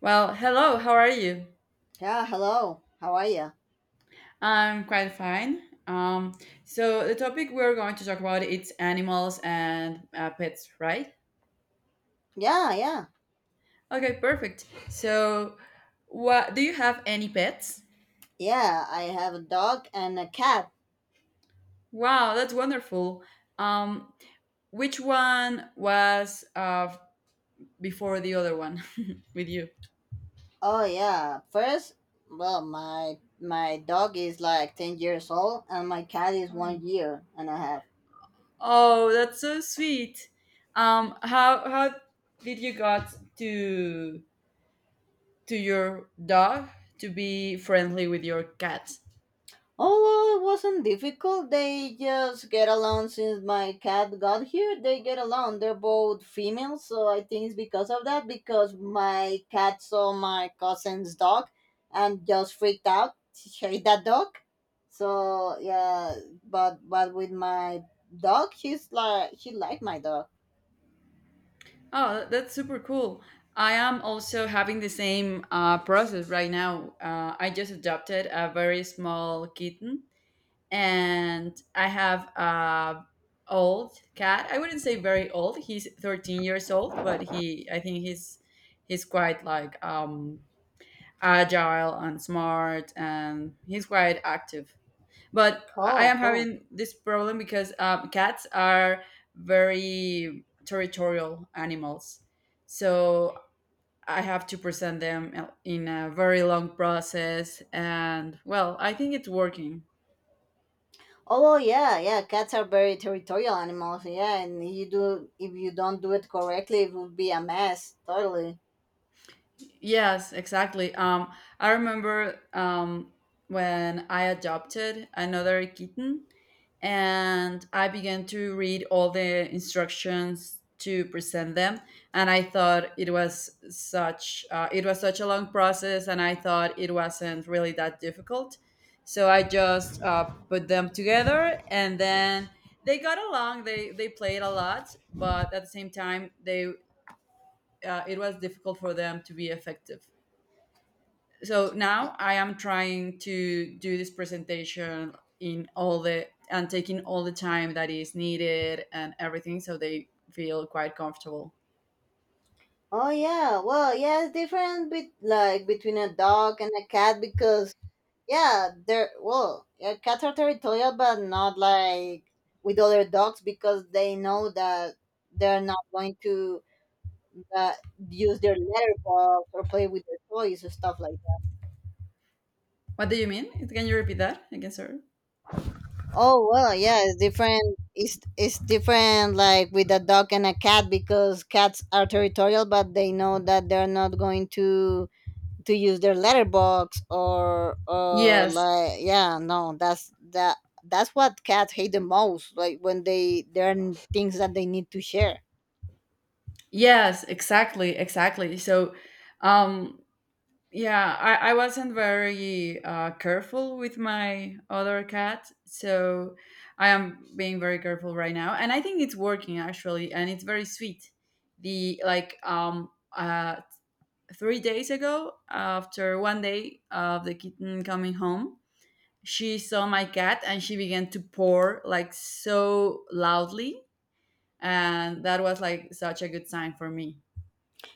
Well, hello, how are you? Yeah, hello. How are you? I'm quite fine. So the topic we're going to talk about it's animals and pets, right? Yeah, yeah. Okay, perfect. So, what do you have any pets? Yeah, I have a dog and a cat. Wow, that's wonderful. Um, which one was before the other one with you? Oh yeah. First, well, my dog is like 10 years old and my cat is Oh, 1 year and a half. Oh, that's so sweet. How did you got to your dog to be friendly with your cat. Oh, well, it wasn't difficult. They just get along since my cat got here. They get along. They're both females, so I think it's because of that. Because my cat saw my cousin's dog and just freaked out. She hate that dog. So yeah, but with my dog, she's like she liked my dog. Oh, that's super cool. I am also having the same process right now. I just adopted a very small kitten, and I have a old cat. I wouldn't say very old. He's 13 years old, but I think he's quite like agile and smart, and he's quite active. But I Oh, am cool. having this problem because cats are very territorial animals. So I have to present them in a very long process. And well, I think it's working. Oh, well, yeah, yeah. Cats are very territorial animals. Yeah, and you do if you don't do it correctly, it would be a mess. Totally. Yes, exactly. I remember when I adopted another kitten, and I began to read all the instructions to present them. And I thought it was such a long process, and I thought it wasn't really that difficult. So I just put them together, and then they got along. They played a lot, but at the same time, they it was difficult for them to be effective. So now I am trying to do this presentation in all the and taking all the time that is needed and everything so they feel quite comfortable. Oh yeah, well yeah, it's different bet like between a dog and a cat because yeah, they're well, yeah, cats are territorial but not like with other dogs because they know that they're not going to uh, use their litter box or play with their toys or stuff like that. What do you mean, can you repeat that again, sir? Oh well, yeah, it's different. It's different like with a dog and a cat because cats are territorial but they know that they're not going to use their letterbox or Yes. like yeah no that's that that's what cats hate the most like when they there are things that they need to share. Yes, exactly, exactly. So um yeah, I wasn't very careful with my other cat, so I am being very careful right now, and I think it's working actually, and it's very sweet. The like uh 3 days ago, after one day of the kitten coming home, she saw my cat and she began to purr like so loudly, and that was like such a good sign for me.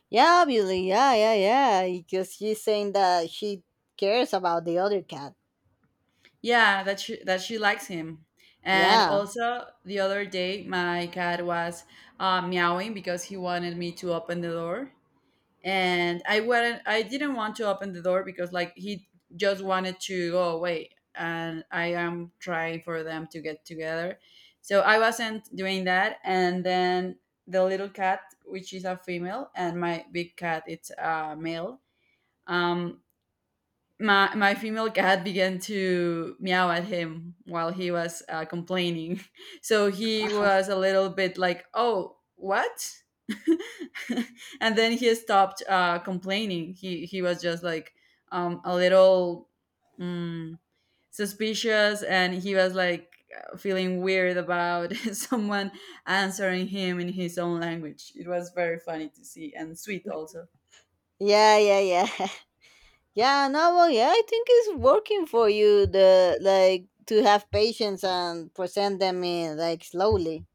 Yeah, obviously, yeah, yeah, yeah, because she's saying that she cares about the other cat. Yeah, that she likes him. And Yeah, also the other day, my cat was meowing because he wanted me to open the door, and I wouldn't. I didn't want to open the door because like he just wanted to go away, and I am trying for them to get together. So I wasn't doing that, and then the little cat, which is a female, and my big cat, it's a male. Um, my female cat began to meow at him while he was complaining. So he was a little bit like, "Oh, what?" And then he stopped complaining. He was just like a little mm, suspicious, and he was like feeling weird about someone answering him in his own language. It was very funny to see, and sweet also. yeah, yeah, yeah. Yeah, no, well yeah, I think it's working for you, the like to have patience and present them in like slowly.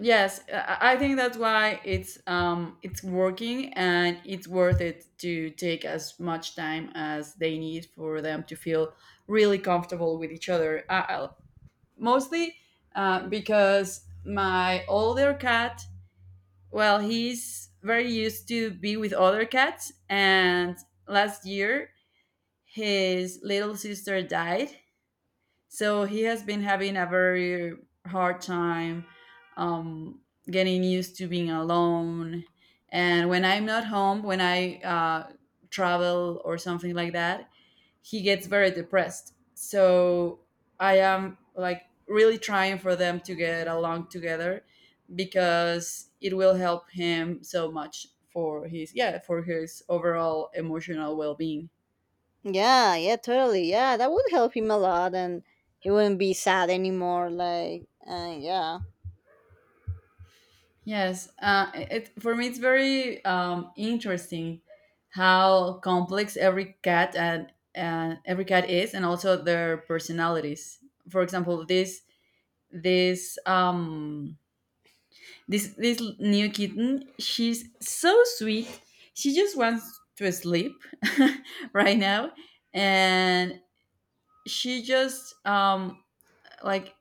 Yes, I think that's why it's working, and it's worth it to take as much time as they need for them to feel really comfortable with each other. Mostly because my older cat, well, he's very used to be with other cats, and last year his little sister died, so he has been having a very hard time um, getting used to being alone. And when I'm not home, when I travel or something like that, he gets very depressed. So I am like really trying for them to get along together because it will help him so much for his yeah for his overall emotional well-being. Yeah, yeah, totally. Yeah, that would help him a lot, and he wouldn't be sad anymore. Like, yeah. Yes, it for me it's very interesting how complex every cat is, and also their personalities. For example, this um, this new kitten, she's so sweet. She just wants to sleep right now, and she just like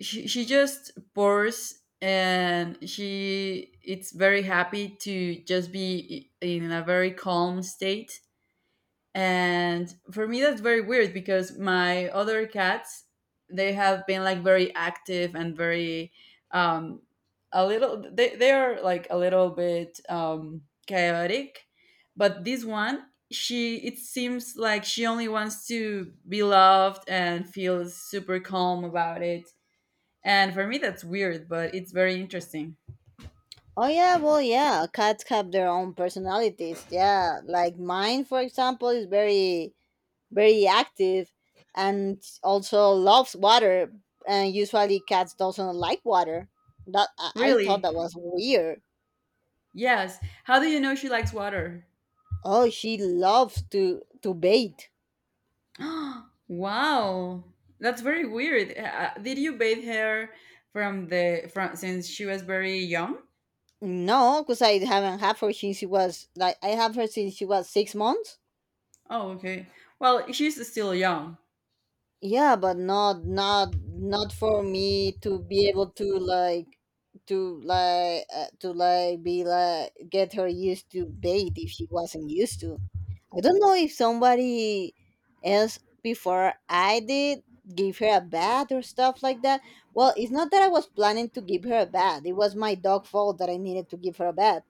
she just pours and she it's very happy to just be in a very calm state. And for me that's very weird because my other cats they have been like very active and very um a little they are like a little bit chaotic. But this one she it seems like she only wants to be loved and feels super calm about it. And for me, that's weird, but it's very interesting. Oh yeah, well yeah. Cats have their own personalities. Yeah, like mine, for example, is very, very active, and also loves water. And usually, cats doesn't like water. That I thought Really? that was weird. Yes. How do you know she likes water? Oh, she loves to bathe. Wow. That's very weird. Did you bathe her from the from since she was very young? No, because I haven't had her since she was like I have her since she was 6 months. Oh, okay. Well, she's still young. Yeah, but not not not for me to be able to like to like to like be like get her used to bait if she wasn't used to. I don't know if somebody else before I did give her a bath or stuff like that. Well, it's not that I was planning to give her a bath, it was my dog fault that I needed to give her a bath.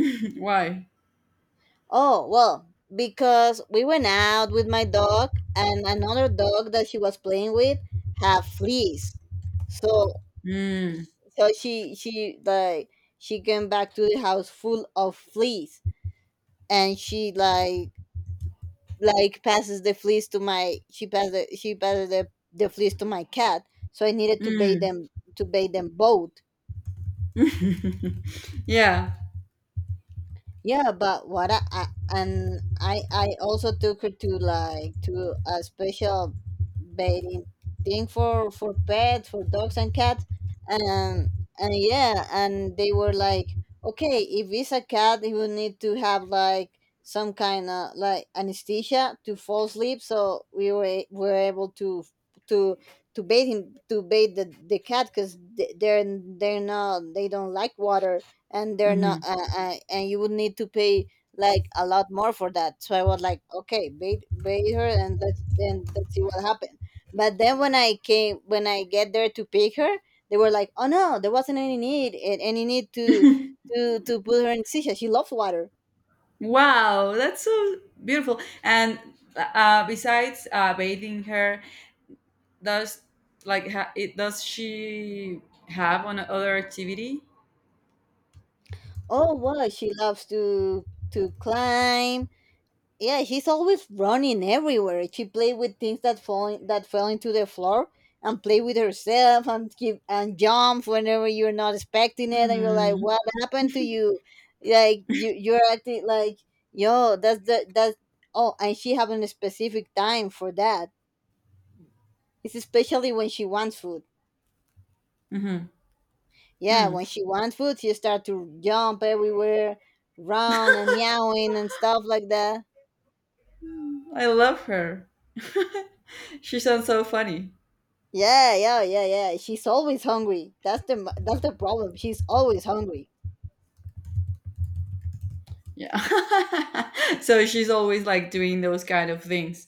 Why? Oh, well, because we went out with my dog and another dog that she was playing with had fleas. So Mm, so she like she came back to the house full of fleas and she like passes the fleas to my she passed the, she passes the fleas to my cat. So I needed mm. To bathe them both. Yeah. Yeah, but what I and I also took her to like to a special bathing thing for pets for dogs and cats, and and yeah and they were like okay if it's a cat he will need to have like some kind of like anesthesia to fall asleep so we were a- were able to to bathe him to bathe the cat because they're they're not they don't like water and they're not Mhm. And you would need to pay like a lot more for that, so I was like okay bait bait her and let's then let's see what happened. But then when I came when I get there to pick her, they were like oh no there wasn't any need a- any need to put her in seashell, she loves water. Wow, that's so beautiful. And besides bathing her, does like it does she have on other activity. Oh well, she loves to climb. Yeah, she's always running everywhere, she play with things that fall that fell into the floor and play with herself and keep and jump whenever you're not expecting it and you're like Hmm. what happened to you, like you're acting like yo that's the that's. Oh, and she having a specific time for that, it's especially when she wants food. Hmm. Yeah, Hmm. when she wants food she start to jump everywhere, run and meowing and stuff like that. I love her. She sounds so funny. Yeah, yeah, yeah, yeah. She's always hungry. That's the m- that's the problem. She's always hungry. Yeah. So she's always like doing those kind of things.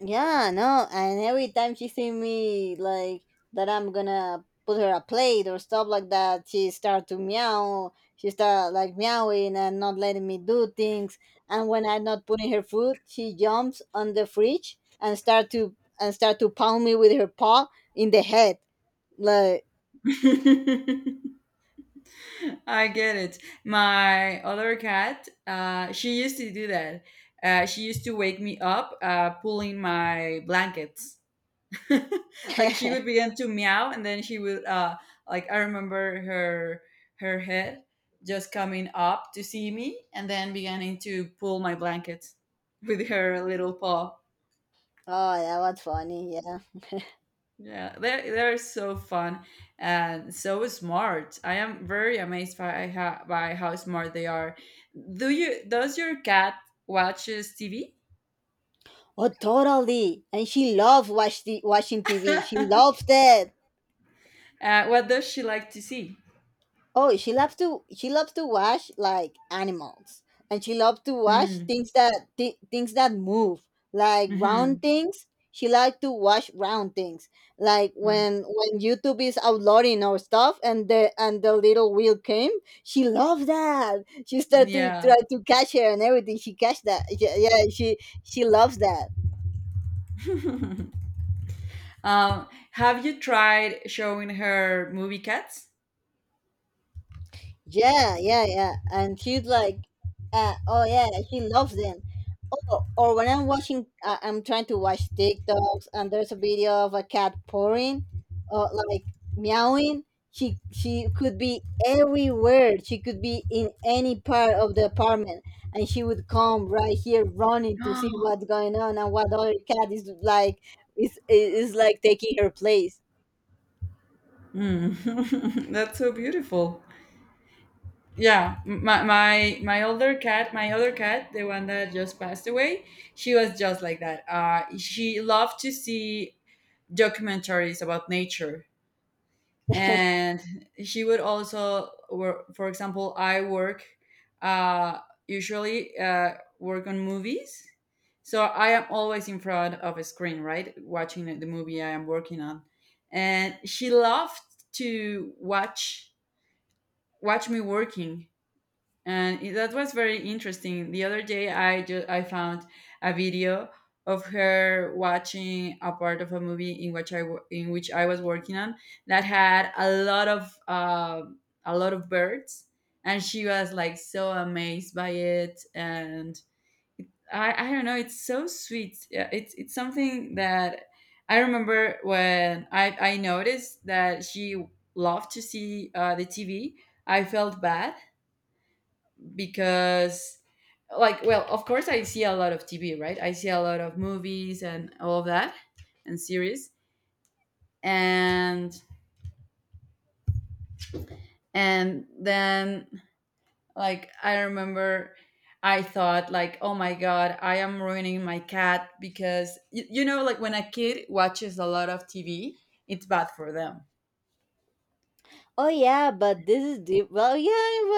Yeah, no. And every time she see me like that, I'm gonna put her a plate or stuff like that. She start to meow. She start like meowing and not letting me do things. And when I'm not putting her food, she jumps on the fridge and start to pound me with her paw in the head. Like, I get it. My other cat, she used to do that. She used to wake me up, pulling my blankets. Like she oh, would begin to meow, and then she would like I remember her her head just coming up to see me, and then beginning to pull my blanket with her little paw. that was funny. Yeah. Yeah they're so fun and so smart. I am very amazed by by how smart they are. Do you does your cat watches TV? Oh, totally. And she loves watch the, watching TV. She Uh, loves that. what does she like to see? Oh, she loves to watch like animals, and she loves to watch Hmm, things that thi- things that move, like mm-hmm. round things. She likes to watch round things, like Mm, when YouTube is uploading our stuff, and the little wheel came. She loved that. She started to yeah. try to catch her and everything. She catch that. Yeah, yeah she loves that. Have you tried showing her movie cats? Yeah, yeah, yeah. And she's like, oh yeah, she loves them. Oh, or when I'm watching, I'm trying to watch TikToks, and there's a video of a cat purring, or like meowing. She could be everywhere. She could be in any part of the apartment, and she would come right here running to see what's going on and what other cat is like taking her place. Mm. That's so beautiful. Yeah, my older cat, my other cat, the one that just passed away, she was just like that. She loved to see documentaries about nature. And she would also work for example I work uh, usually work on movies. So I am always in front of a screen, right, watching the movie I am working on. And she loved to watch me working. And that was very interesting. The other day I just I found a video of her watching a part of a movie in which in which I was working on, that had a lot of birds, and she was like so amazed by it. And I don't know, it's so sweet. Yeah, it's something that I remember when I noticed that she loved to see the TV, I felt bad because like well of course I see a lot of TV, right, I see a lot of movies and all of that, and series. and and then like I remember I thought like oh my god I am ruining my cat because you know like when a kid watches a lot of TV it's bad for them. Oh yeah, but this is deep. Well, yeah,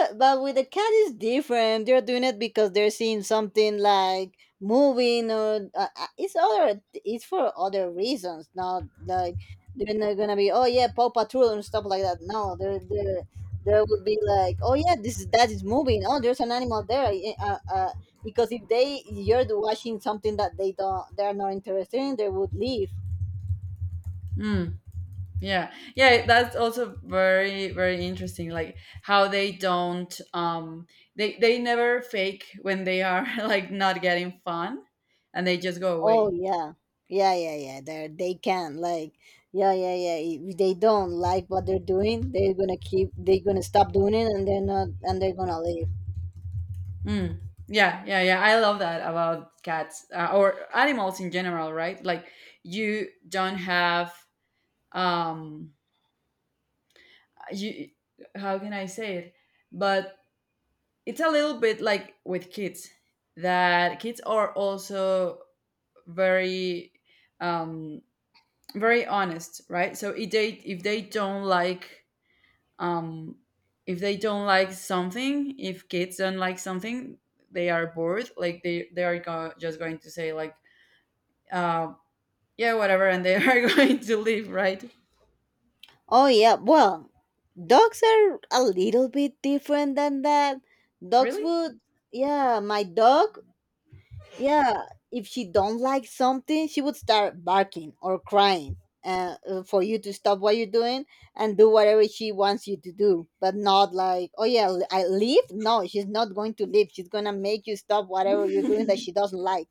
but with the cat is different. They're doing it because they're seeing something like moving or it's other. It's for other reasons. Not like they're not gonna be. Oh yeah, Paw Patrol and stuff like that. No, they're there would be like, oh yeah, this is that is moving. Oh, there's an animal there. Eh, because if they you're watching something that they don't, they're not interested in, they would leave. Mm. Yeah, yeah, that's also very, very interesting. Like how they don't, they never fake when they are like not getting fun, and they just go Oh away. yeah, yeah, yeah, yeah. They can like yeah, yeah, yeah. If they don't like what they're doing, they're gonna keep. They're gonna stop doing it, and they're not, and they're gonna leave. Mm. Yeah, yeah, yeah. I love that about cats or animals in general, right? Like you don't have, um, you. How can I say it? But it's a little bit like with kids that kids are also very um very honest, right? So if they don't like um if they don't like something, if kids don't like something, they are bored, like they just going to say like uh yeah whatever, and they are going to leave, right? Oh yeah. Well, dogs are a little bit different than that. Dogs Really? would. Yeah, my dog yeah, if she don't like something, she would start barking or crying for you to stop what you're doing and do whatever she wants you to do, but not like, oh yeah, l- I leave. No, she's not going to leave. She's gonna make you stop whatever you're doing that she doesn't like.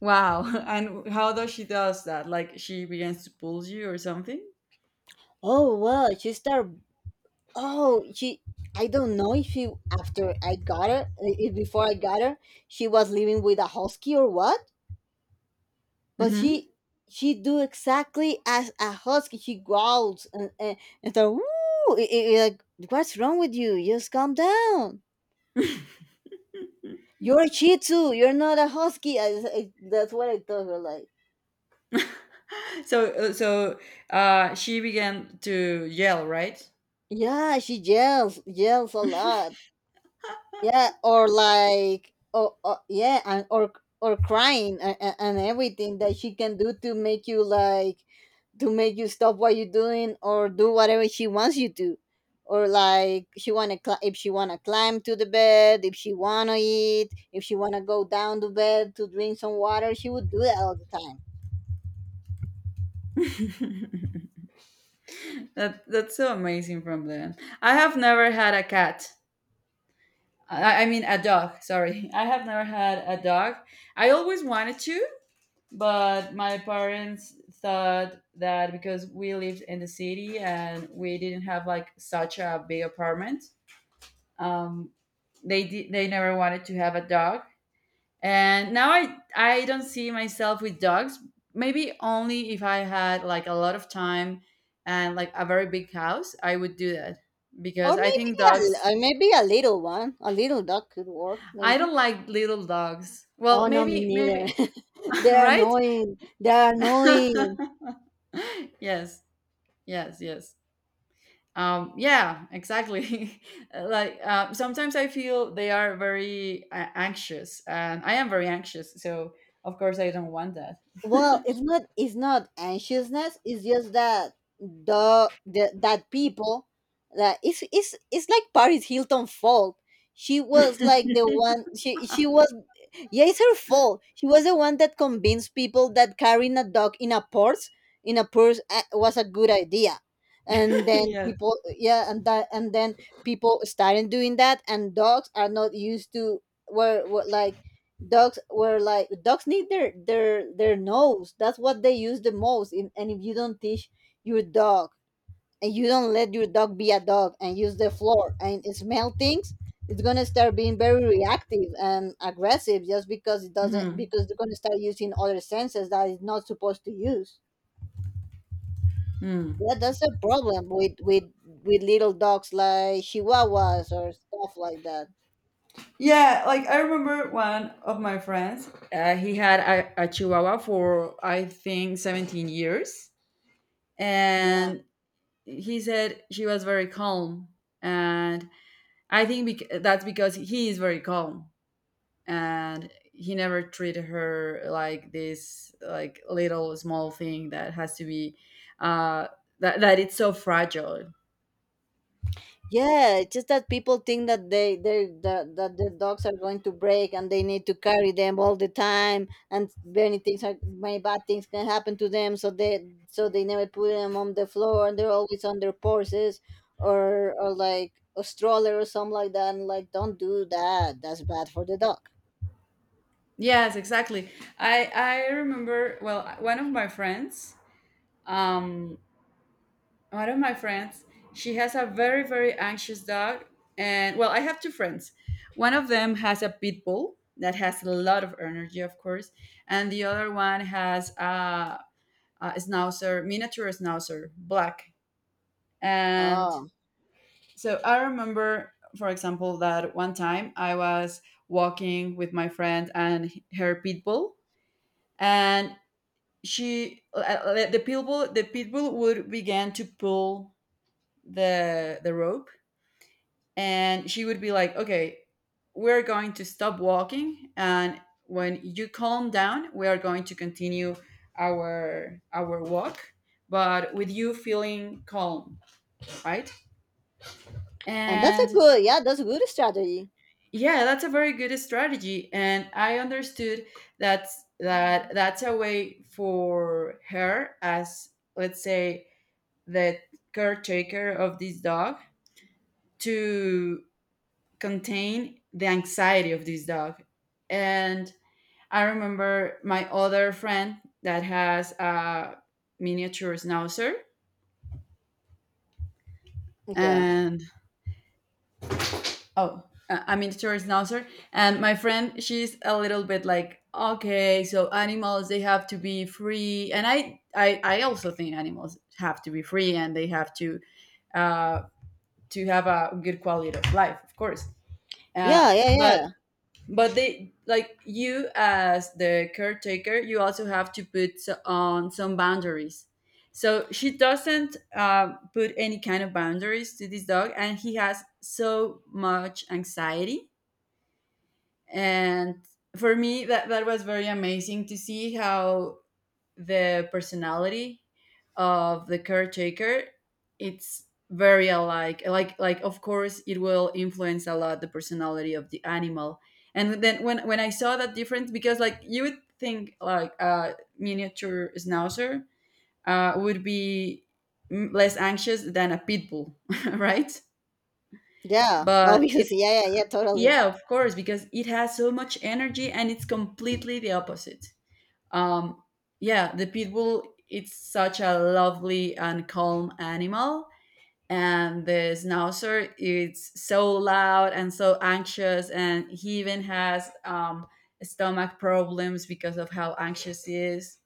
Wow, and how does she does that, like she begins to pull you or something? Oh well, she start. Oh, she. I don't know if she after I got her, if before I got her, she was living with a husky or what, but Hmm. She do exactly as a husky. She growls and so woo. It- it like, what's wrong with you? Just calm down. You're a Shih Tzu. You're not a husky. I- that's what I told her. Like, So she began to yell, right? yeah, she yells yells a lot. Yeah, or like, oh, oh yeah, and or crying and everything that she can do to make you like to make you stop what you're doing or do whatever she wants you to, or like she wanna cl- if she wanna climb to the bed if she wanna eat if she wanna go down to bed to drink some water she would do that all the time. That that's so amazing from them. I have never had a cat. I mean a dog. Sorry, I have never had a dog. I always wanted to, but my parents thought that because we lived in the city and we didn't have like such a big apartment, um, they never wanted to have a dog. And now I don't see myself with dogs. Maybe only if I had like a lot of time and like a very big house, I would do that Or because I maybe think dogs a, maybe a little one a little dog could work I maybe. don't like little dogs. Well, Oh no me maybe neither. maybe They're right? annoying, they're annoying. Yes. Yes, yes. Yeah, exactly. Like sometimes I feel they are very anxious and I am very anxious, so of course I don't want that. Well, it's not anxiousness. It's just that the that people that it's like Paris Hilton fault. She was like the one. She was yeah, it's her fault. She was the one that convinced people that carrying a dog in a purse was a good idea. And then Yes. people, yeah, and that, and then people started doing that. And dogs are not used to were, were like were like dogs need their nose. That's what they use the most. In, and if you don't teach your dog and you don't let your dog be a dog and use the floor and smell things, it's gonna start being very reactive and aggressive just because it doesn't Mhm. because they're gonna start using other senses that it's not supposed to use. Mm. Yeah, that's a problem with little dogs like Chihuahuas or stuff like that. Yeah, like I remember one of my friends. He had a chihuahua for I think 17 years, Yeah. and he said she was very calm, and I think that's because he is very calm, and he never treated her like this, like little small thing that has to be, uh, that that it's so fragile. Yeah, it's just that people think that the dogs are going to break and they need to carry them all the time and many bad things can happen to them so they never put them on the floor, and they're always on their porches or like a stroller or something like that. And like, don't do that, that's bad for the dog. Yes, exactly. I remember well one of my friends. Um, one of my friends, she has a very very anxious dog. And well, I have two friends. One of them has a pit bull that has a lot of energy, of course, and the other one has a schnauzer, miniature schnauzer, black. And Oh, so I remember, for example, that one time I was walking with my friend and her pit bull. And she the pit bull would begin to pull the rope. And she would be like, okay, we're going to stop walking, and when you calm down we are going to continue our walk, but with you feeling calm, right? and that's a And good, that's a good strategy. yeah, that's a very good strategy. And I understood that that's a way for her as, let's say, the caretaker of this dog, to contain the anxiety of this dog. And I remember my other friend that has a miniature schnauzer. Yeah, And oh, a miniature schnauzer. And my friend, she's a little bit like, okay, so animals, they have to be free. And I also think animals have to be free, and they have uh, to have a good quality of life, of course. uh, yeah, yeah, yeah, but But they, like, you as the caretaker, you also have to put on some boundaries. So she doesn't put any kind of boundaries to this dog, and he has so much anxiety. And for me, that was very amazing to see how the personality of the caretaker, it's very alike, like of course it will influence a lot the personality of the animal. And then when I saw that difference, because like you would think like a miniature schnauzer would be less anxious than a pit bull. Right? yeah, But it's, obviously, yeah, yeah, yeah, totally. yeah, of course, because it has so much energy and it's completely the opposite. um, yeah, the pit bull, it's such a lovely and calm animal, and the schnauzer, it's so loud and so anxious, and he even has stomach problems because of how anxious he is.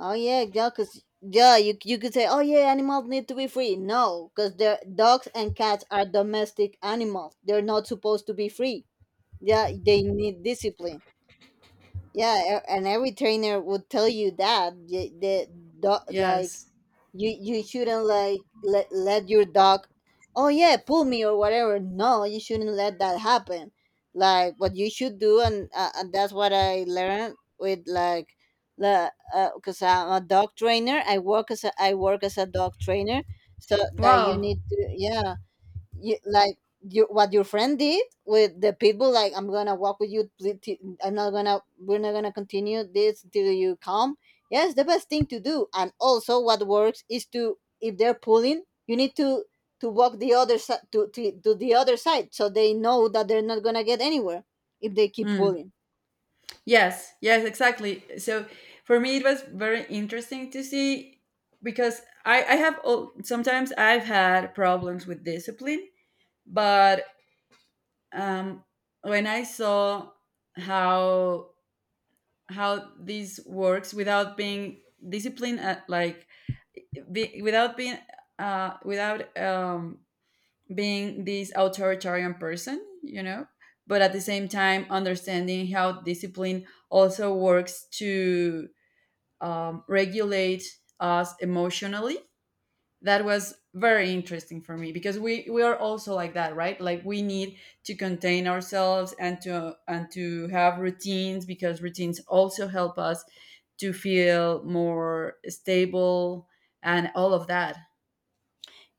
Oh yeah, yeah, cause yeah, you could say, oh yeah, animals need to be free. No, cause they're dogs, and cats are domestic animals. They're not supposed to be free. Yeah, they need discipline. And every trainer would tell you that the dog, like Yes. you shouldn't like let your dog, oh yeah, pull me or whatever. No, you shouldn't let that happen. Like, what you should do, and that's what I learned with, like, the, because I'm a dog trainer. I work as a, I work as a dog trainer. So that you Wow. need to, yeah, you, like, you, what your friend did with the pitbull, like, I'm gonna walk with you, I'm not gonna, we're not gonna continue this till you come. Yes, the best thing to do. And also what works is to, if they're pulling, you need to walk the other side, to the other side, so they know that they're not gonna get anywhere if they keep Mm, pulling. yes, yes, exactly. So for me, it was very interesting to see because I have sometimes I've had problems with discipline. But um, when I saw how this works without being disciplined, at, like without being without being this authoritarian person, you know, but at the same time understanding how discipline also works to regulate us emotionally. That was very interesting for me, because we are also like that, right? Like we need to contain ourselves and to have routines, because routines also help us to feel more stable and all of that.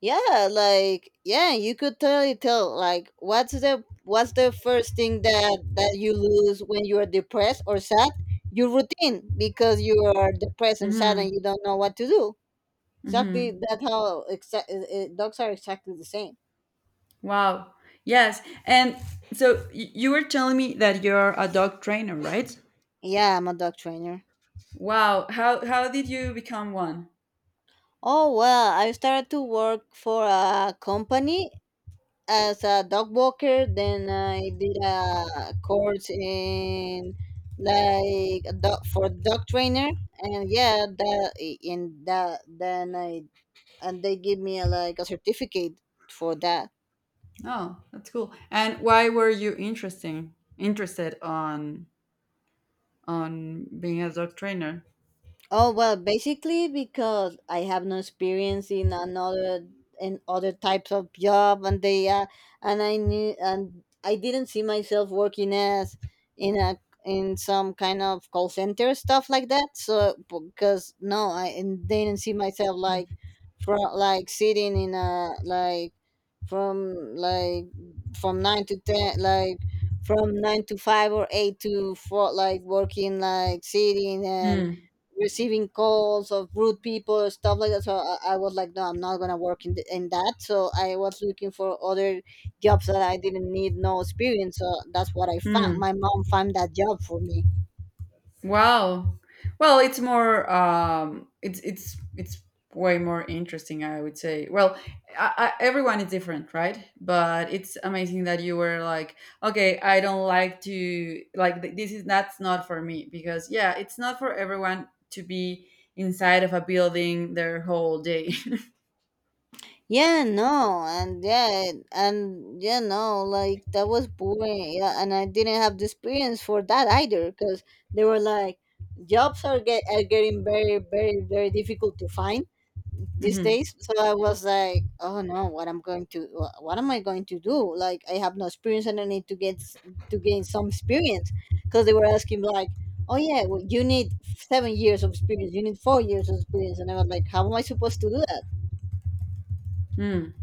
Yeah, like, yeah, you could totally tell, like, what's the first thing that you lose when you are depressed or sad? Your routine, because you are depressed and sad and Hmm. you don't know what to do. Exactly Hmm. that. How dogs are exactly the same. Wow. Yes. And so you were telling me that you're a dog trainer, right? Yeah, I'm a dog trainer. Wow, how did you become one? Oh, Oh well, I started to work for a company as a dog walker, then I did a course in like a dog trainer, and yeah, that, in that, then I, and they give me a, like a certificate for that. that's cool. And why were you interesting interested on being a dog trainer? Oh well, basically because I have no experience in another, in other types of job, and I knew, and I didn't see myself working as in a, in some kind of call center stuff like that. So because no, I and didn't see myself like from like sitting in a like, from like, from nine to ten, like from nine to five or eight to four, like working, like sitting and Mm. receiving calls of rude people, stuff like that. So I was like, no, I'm not gonna work in, the, in that. So I was looking for other jobs that I didn't need no experience, so that's what I found, Mm. my mom found that job for me. Wow. Well, it's more. It's it's way more interesting, I would say. Well, I, everyone is different, right? But it's amazing that you were like, okay, I don't like to like this is, that's not for me, because yeah, it's not for everyone to be inside of a building their whole day. Yeah, no, and yeah, and yeah, no, like, that was boring. Yeah, and I didn't have the experience for that either, because they were like, jobs are, get, are getting very, very, very difficult to find these days. So I was like, oh no, what I'm going to, what am I going to do? Like, I have no experience and I need to get to gain some experience, because they were asking like, oh yeah, well, you need 7 years of experience, you need 4 years of experience. And I was like, how am I supposed to do that? Hmm.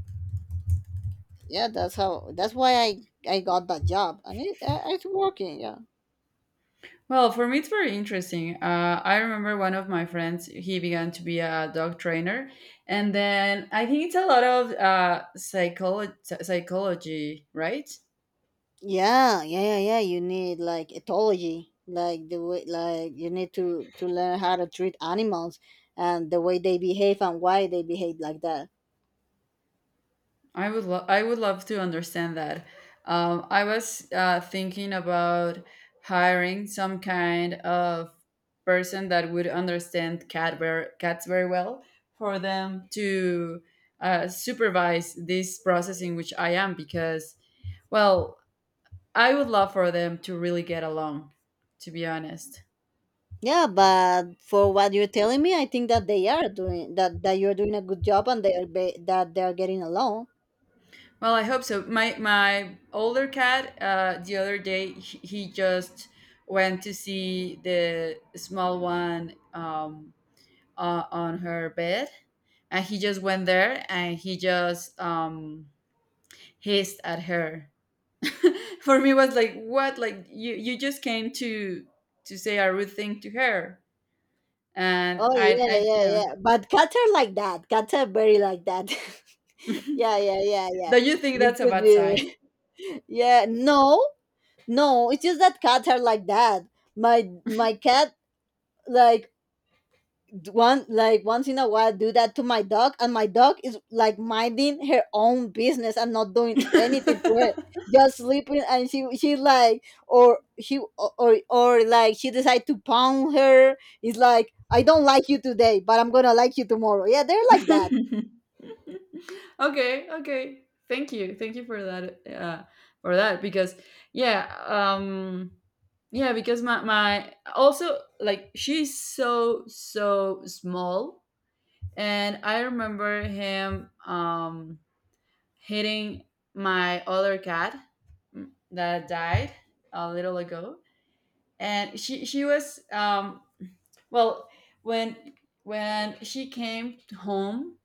Yeah, that's how, that's why I got that job, and it's working, yeah. Well, for me, it's very interesting. I remember one of my friends, he began to be a dog trainer. And then I think it's a lot of psychology, right? Yeah, yeah, yeah, yeah. You need like ethology, like the way, like you need to learn how to treat animals and the way they behave and why they behave like that. I would, I would love to understand that. I was thinking about hiring some kind of person that would understand cats very well, for them to supervise this process in which I am, because, well, I would love for them to really get along, to be honest. Yeah, but for what you're telling me, I think that they are doing that, that you're doing a good job, and they are be, that they are getting along. Well, I hope so. My older cat, the other day, he just went to see the small one, on her bed, and he just went there and he just hissed at her. For me, it was like, what? Like you just came to say a rude thing to her, and Oh yeah, I yeah, didn't. yeah. But cats are like that. Cats are very like that. Yeah, yeah, yeah, yeah. Do you think You that's a could bad be. sign? Yeah, no, no. It's just that cats are like that. My cat, like, one, like, once in a while do that to my dog, and my dog is like minding her own business and not doing anything to her, just sleeping. And she like, or she, or like she decide to pound her. It's like, I don't like you today, but I'm gonna like you tomorrow. Yeah, they're like that. Okay, okay, thank you, thank you for that, for that, because yeah. Yeah, because my also, like, she's so so small. And I remember him hitting my other cat, that died a little ago. And she was well, when she came home,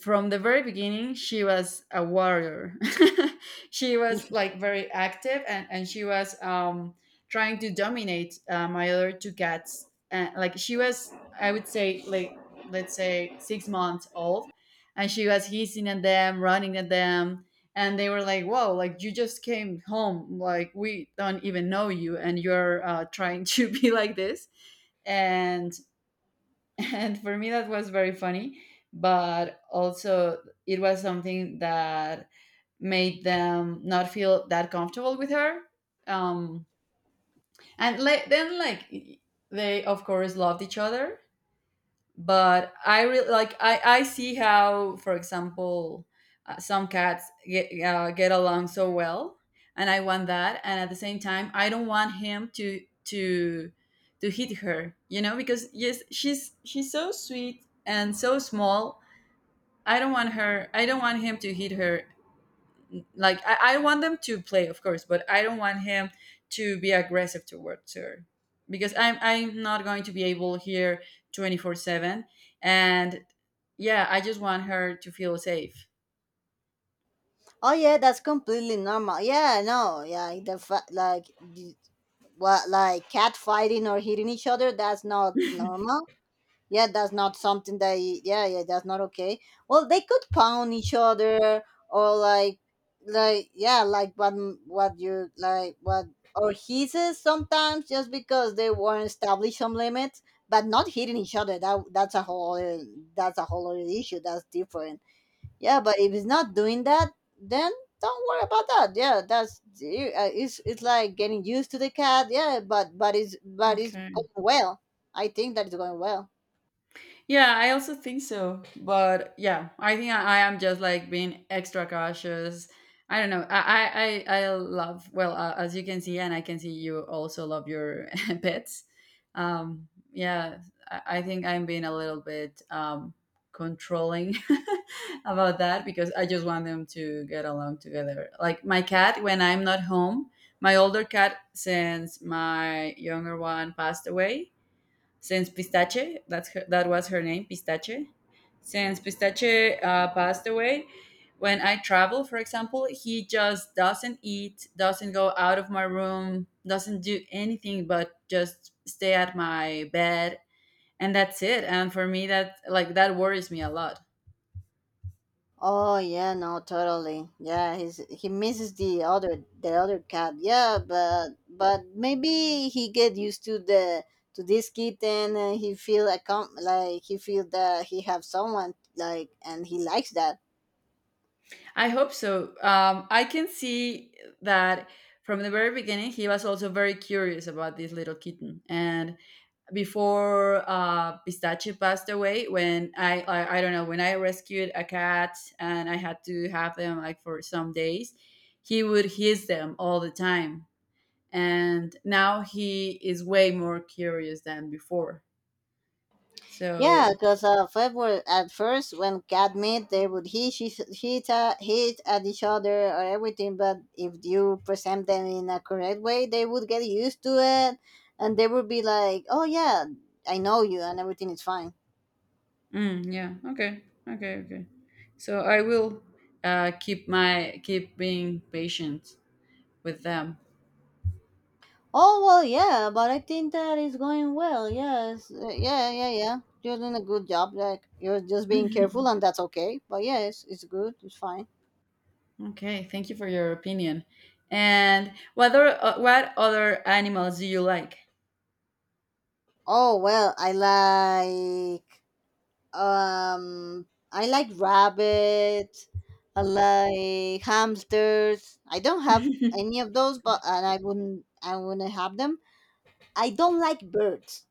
from the very beginning she was a warrior. She was like very active, and she was trying to dominate my other two cats. And like, she was, I would say, like, let's say 6 months old, and she was hissing at them, running at them. And they were like, whoa, like, you just came home, like, we don't even know you, and you're trying to be like this. And and for me, that was very funny. But also it was something that made them not feel that comfortable with her. um and like then, they of course loved each other. But I really like, I see how, for example, some cats get along so well. And I want that. And at the same time, I don't want him to to hit her, you know, because yes, she's so sweet and so small. I don't want her, I don't want him to hit her. Like I want them to play, of course, but I don't want him to be aggressive towards her, because I'm not going to be able here 24/7. And yeah, I just want her to feel safe. Oh yeah, that's completely normal. Yeah, no, yeah, like, y- what, like cat fighting or hitting each other, that's not normal. Yeah, that's not something that yeah, yeah, that's not okay. Well, they could pound each other or like, yeah, like what, what you, like, what, or he says sometimes, just because they weren't established some limits. But not hitting each other, that's a whole other, that's a whole other issue, that's different. Yeah, but if it's not doing that, then don't worry about that. Yeah, that's it's like getting used to the cat. Yeah, but it's, but it's Okay. going well. I think that it's going well. Yeah, I also think so. But yeah, I think I am just like being extra cautious. I don't know. I love, well, as you can see, and I can see you also love your pets. Yeah, I think I'm being a little bit controlling about that, because I just want them to get along together. Like my cat, when I'm not home, my older cat, since my younger one passed away, since Pistache, that's her, that was her name, Pistache. Since Pistache passed away, when I travel, for example, he just doesn't eat, doesn't go out of my room, doesn't do anything but just stay at my bed, and that's it. And for me, that, like, that worries me a lot. Oh yeah, no, totally. Yeah, he's, he misses the other cat. Yeah, but maybe he get used to the, to this kitten, and he feel accom- like he feel that he have someone, like, and he likes that. I hope so. I can see that from the very beginning, he was also very curious about this little kitten. And before Pistachio passed away, when I don't know, when I rescued a cat and I had to have them like for some days, he would hiss them all the time, and now he is way more curious than before. Yeah, So, because favorite at first when cat meet they would hit hit at each other or everything. But if you present them in a correct way, they would get used to it, and they would be like, "Oh yeah, I know you, and everything is fine." mm, yeah, okay, okay, okay. So I will keep my, keep being patient with them. Oh well, yeah, but I think that is going well. Yes, yeah, yeah, yeah. You're doing a good job. Like, you're just being careful, and that's okay. But yes, it's good. It's fine. Okay, thank you for your opinion. And what other animals do you like? Oh well, I like, um, I like rabbits. I like hamsters. I don't have any of those, but, and I wouldn't. I wouldn't have them. I don't like birds.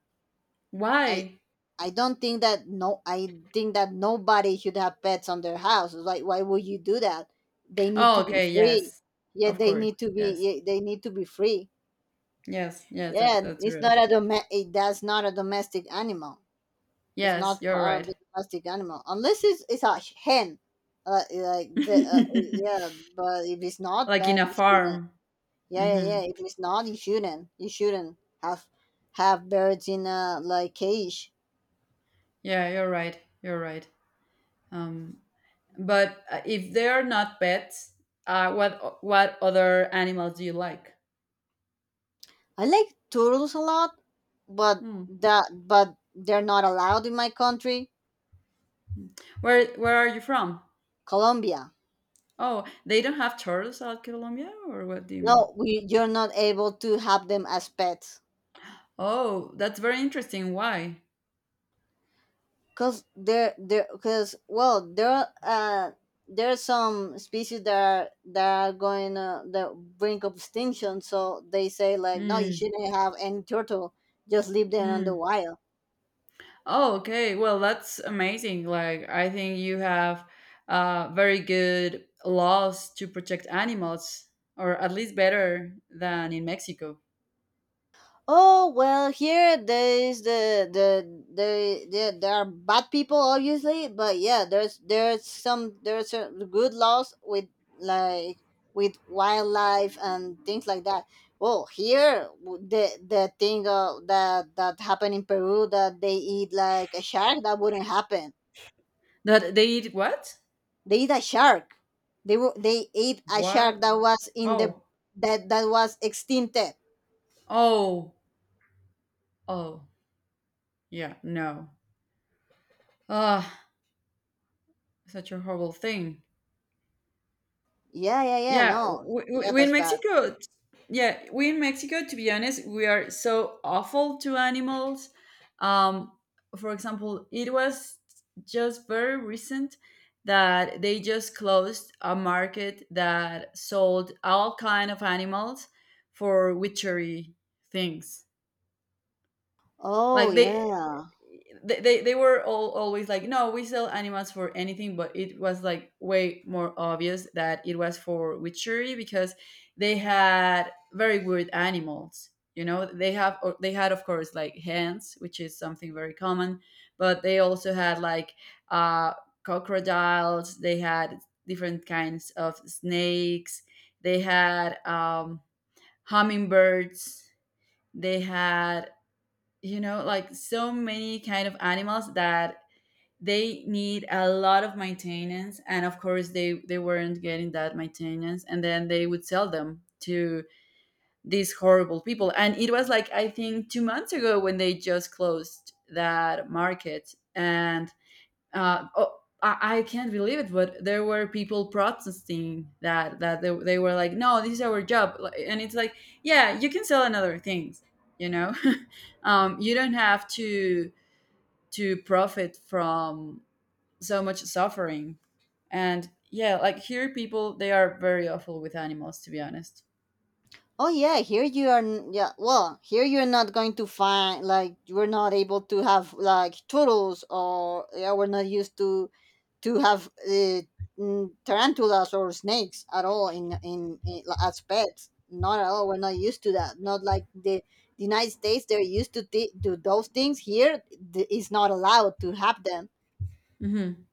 I Why? I don't think that, no. I think that nobody should have pets on their house. It's like, why would you do that? They need Oh, to be okay, free. yes. Yeah, Of they course. need to be. Yes. Yeah, they need to be free. Yes, yes, Yeah, that's it's not real. a dom. That's not a domestic animal. It's Yes, not you're part of right. the domestic animal unless it's, it's a hen. Like the, yeah, but if it's not, Like in then a you shouldn't. farm. Yeah, yeah, Hmm. yeah. If it's not, you shouldn't. You shouldn't have birds in a like cage. Yeah, you're right. You're right. Um, but if they are not pets, what what other animals do you like? I like turtles a lot, but Hmm. that, but they're not allowed in my country. Where are you from? Colombia. Oh, they don't have turtles out Colombia, or what do you mean? No, we, you're not able to have them as pets. Oh, that's very interesting. Why? Cause cause well, there are some species that are going the brink of extinction. So they say like, no, you Mm. shouldn't have any turtle. Just leave them on the Mm. wild. Oh, okay. Well, that's amazing. Like, I think you have very good laws to protect animals, or at least better than in Mexico. Oh well, here there is the there, there are bad people obviously, but yeah, there's some good laws with like, with wildlife and things like that. Well, here, the thing, that that happened in Peru, that they eat like a shark, that wouldn't happen. That they eat what? They eat a shark. They were, they ate a shark What? that was in the, Oh, that that was extincted. oh, oh. Yeah, no. Ah, such a horrible thing. Yeah, yeah, yeah. Yeah, No, yeah, we in that's bad. Mexico. Yeah, we in Mexico. To be honest, we are so awful to animals. Um, for example, it was just very recent that they just closed a market that sold all kind of animals for witchery things. Oh Like they, yeah. They were all always like, no, we sell animals for anything. But it was like way more obvious that it was for witchery, because they had very weird animals, you know. They have, or they had, of course, like, hens, which is something very common. But they also had like, uh, crocodiles, they had different kinds of snakes, they had hummingbirds, they had, you know, like so many kind of animals that they need a lot of maintenance, and of course they weren't getting that maintenance. And then they would sell them to these horrible people. And it was like, I think, 2 months ago when they just closed that market. And oh, I can't believe it, but there were people protesting that, they were like, no, this is our job. Like, and it's like, yeah, you can sell another things, you know, you don't have to profit from so much suffering. And yeah, like, here people, they are very awful with animals, to be honest. Oh yeah. Here you are. Yeah. Well, here you're not going to find like, we're not able to have like turtles, or yeah, we're not used to have, mm, tarantulas or snakes at all in as pets. Not at all. We're not used to that. Not like the United States. They're used to do those things. Here, it's not allowed to have them. Hmm.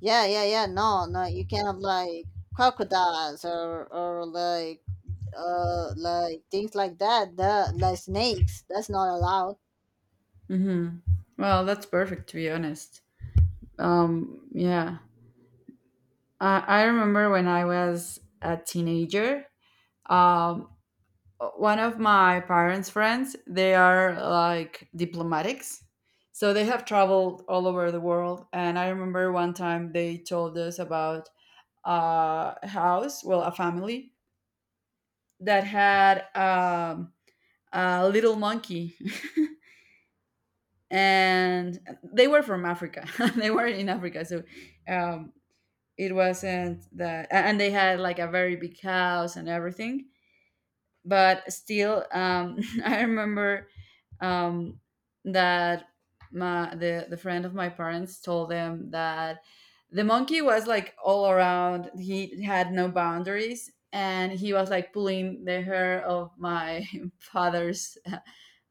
Yeah, yeah, yeah. No, no, you can have like crocodiles or like, uh, like things like that. The Like snakes. That's not allowed. Hmm. Well, that's perfect, to be honest. Um, yeah, I remember when I was a teenager. Um, One of my parents' friends, they are like diplomatics. So they have traveled all over the world. And I remember one time they told us about a house, well, a family that had a little monkey. And they were from Africa. They were in Africa. So um, it wasn't that. And they had like a very big house and everything but still I remember um, that the friend of my parents told them that the monkey was like all around, he had no boundaries and he was like pulling the hair of my father's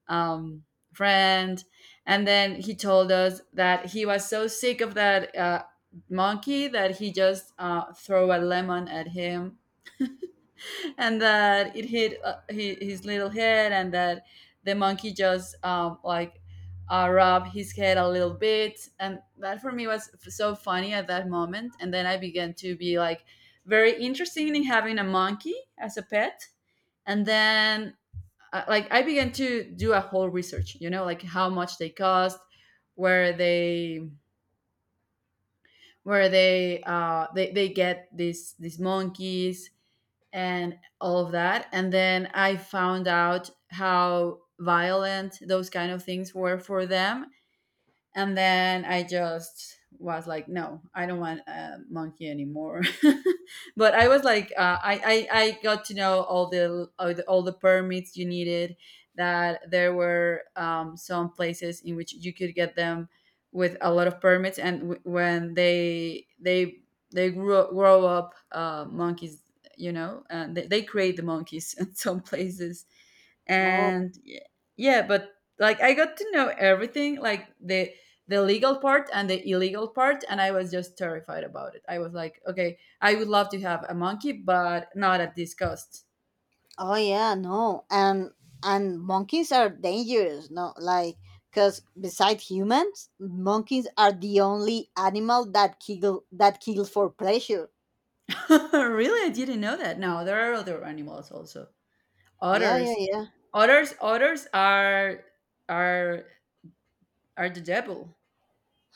um, friend. And then he told us that he was so sick of that monkey that he just threw a lemon at him and that it hit his little head and that the monkey just like rubbed his head a little bit, and that for me was so funny at that moment. And then I began to be like very interested in having a monkey as a pet. And then like I began to do a whole research, like how much they cost, where they where they get these monkeys and all of that. And then I found out how violent those kind of things were for them, and then I just was like, no, I don't want a monkey anymore. But I was like I got to know all the all the permits you needed, that there were some places in which you could get them with a lot of permits, and when they grow up monkeys, and they create the monkeys in some places. Oh, And yeah, but like I got to know everything, like the legal part and the illegal part, and I was just terrified about it. I was like, okay, I would love to have a monkey but not at this cost. oh yeah, no, and monkeys are dangerous. No, like, because besides humans, monkeys are the only animal that kill, that kills for pleasure. Really? I didn't know that. No, there are other animals also. Yeah, yeah, Otters. yeah. Otters are are are the devil.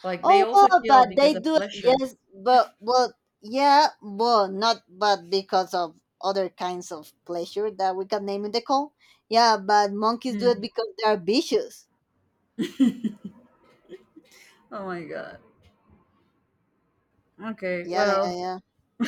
Like, they Oh also well, kill but because they of do, pleasure. yes, but well, yeah, well, not but because of other kinds of pleasure that we can name in the call. Yeah, but monkeys do it Mm. because they are vicious. Oh my god. Okay, Yeah, yeah, well, yeah.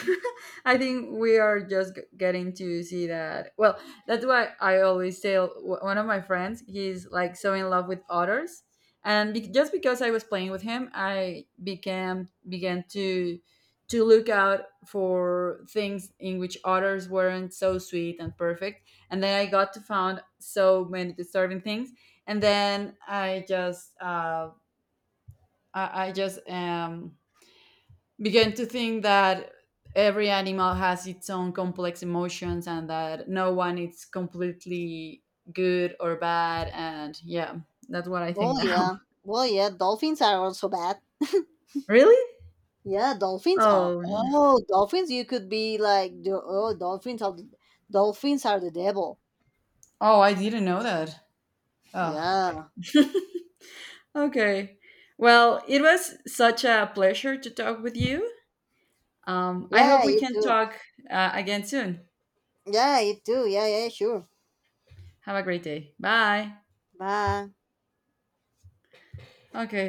I think we are just getting to see that. Well, that's why I always tell one of my friends, he's like so in love with otters. And just because I was playing with him, I became began to look out for things in which otters weren't so sweet and perfect. And then I got to found so many disturbing things. And then I just I just began to think that every animal has its own complex emotions and that no one is completely good or bad. And yeah, that's what I think Oh now. yeah. Well, yeah. Dolphins are also bad. Really? Yeah, dolphins are. Oh, n- Oh, dolphins! You could be like, oh, dolphins are the devil. oh, I didn't know that. Oh, Yeah, okay. Well, it was such a pleasure to talk with you. I hope yeah, we you can too. talk again soon. Yeah, you too. Yeah, yeah, sure. Have a great day. Bye. Bye. Okay.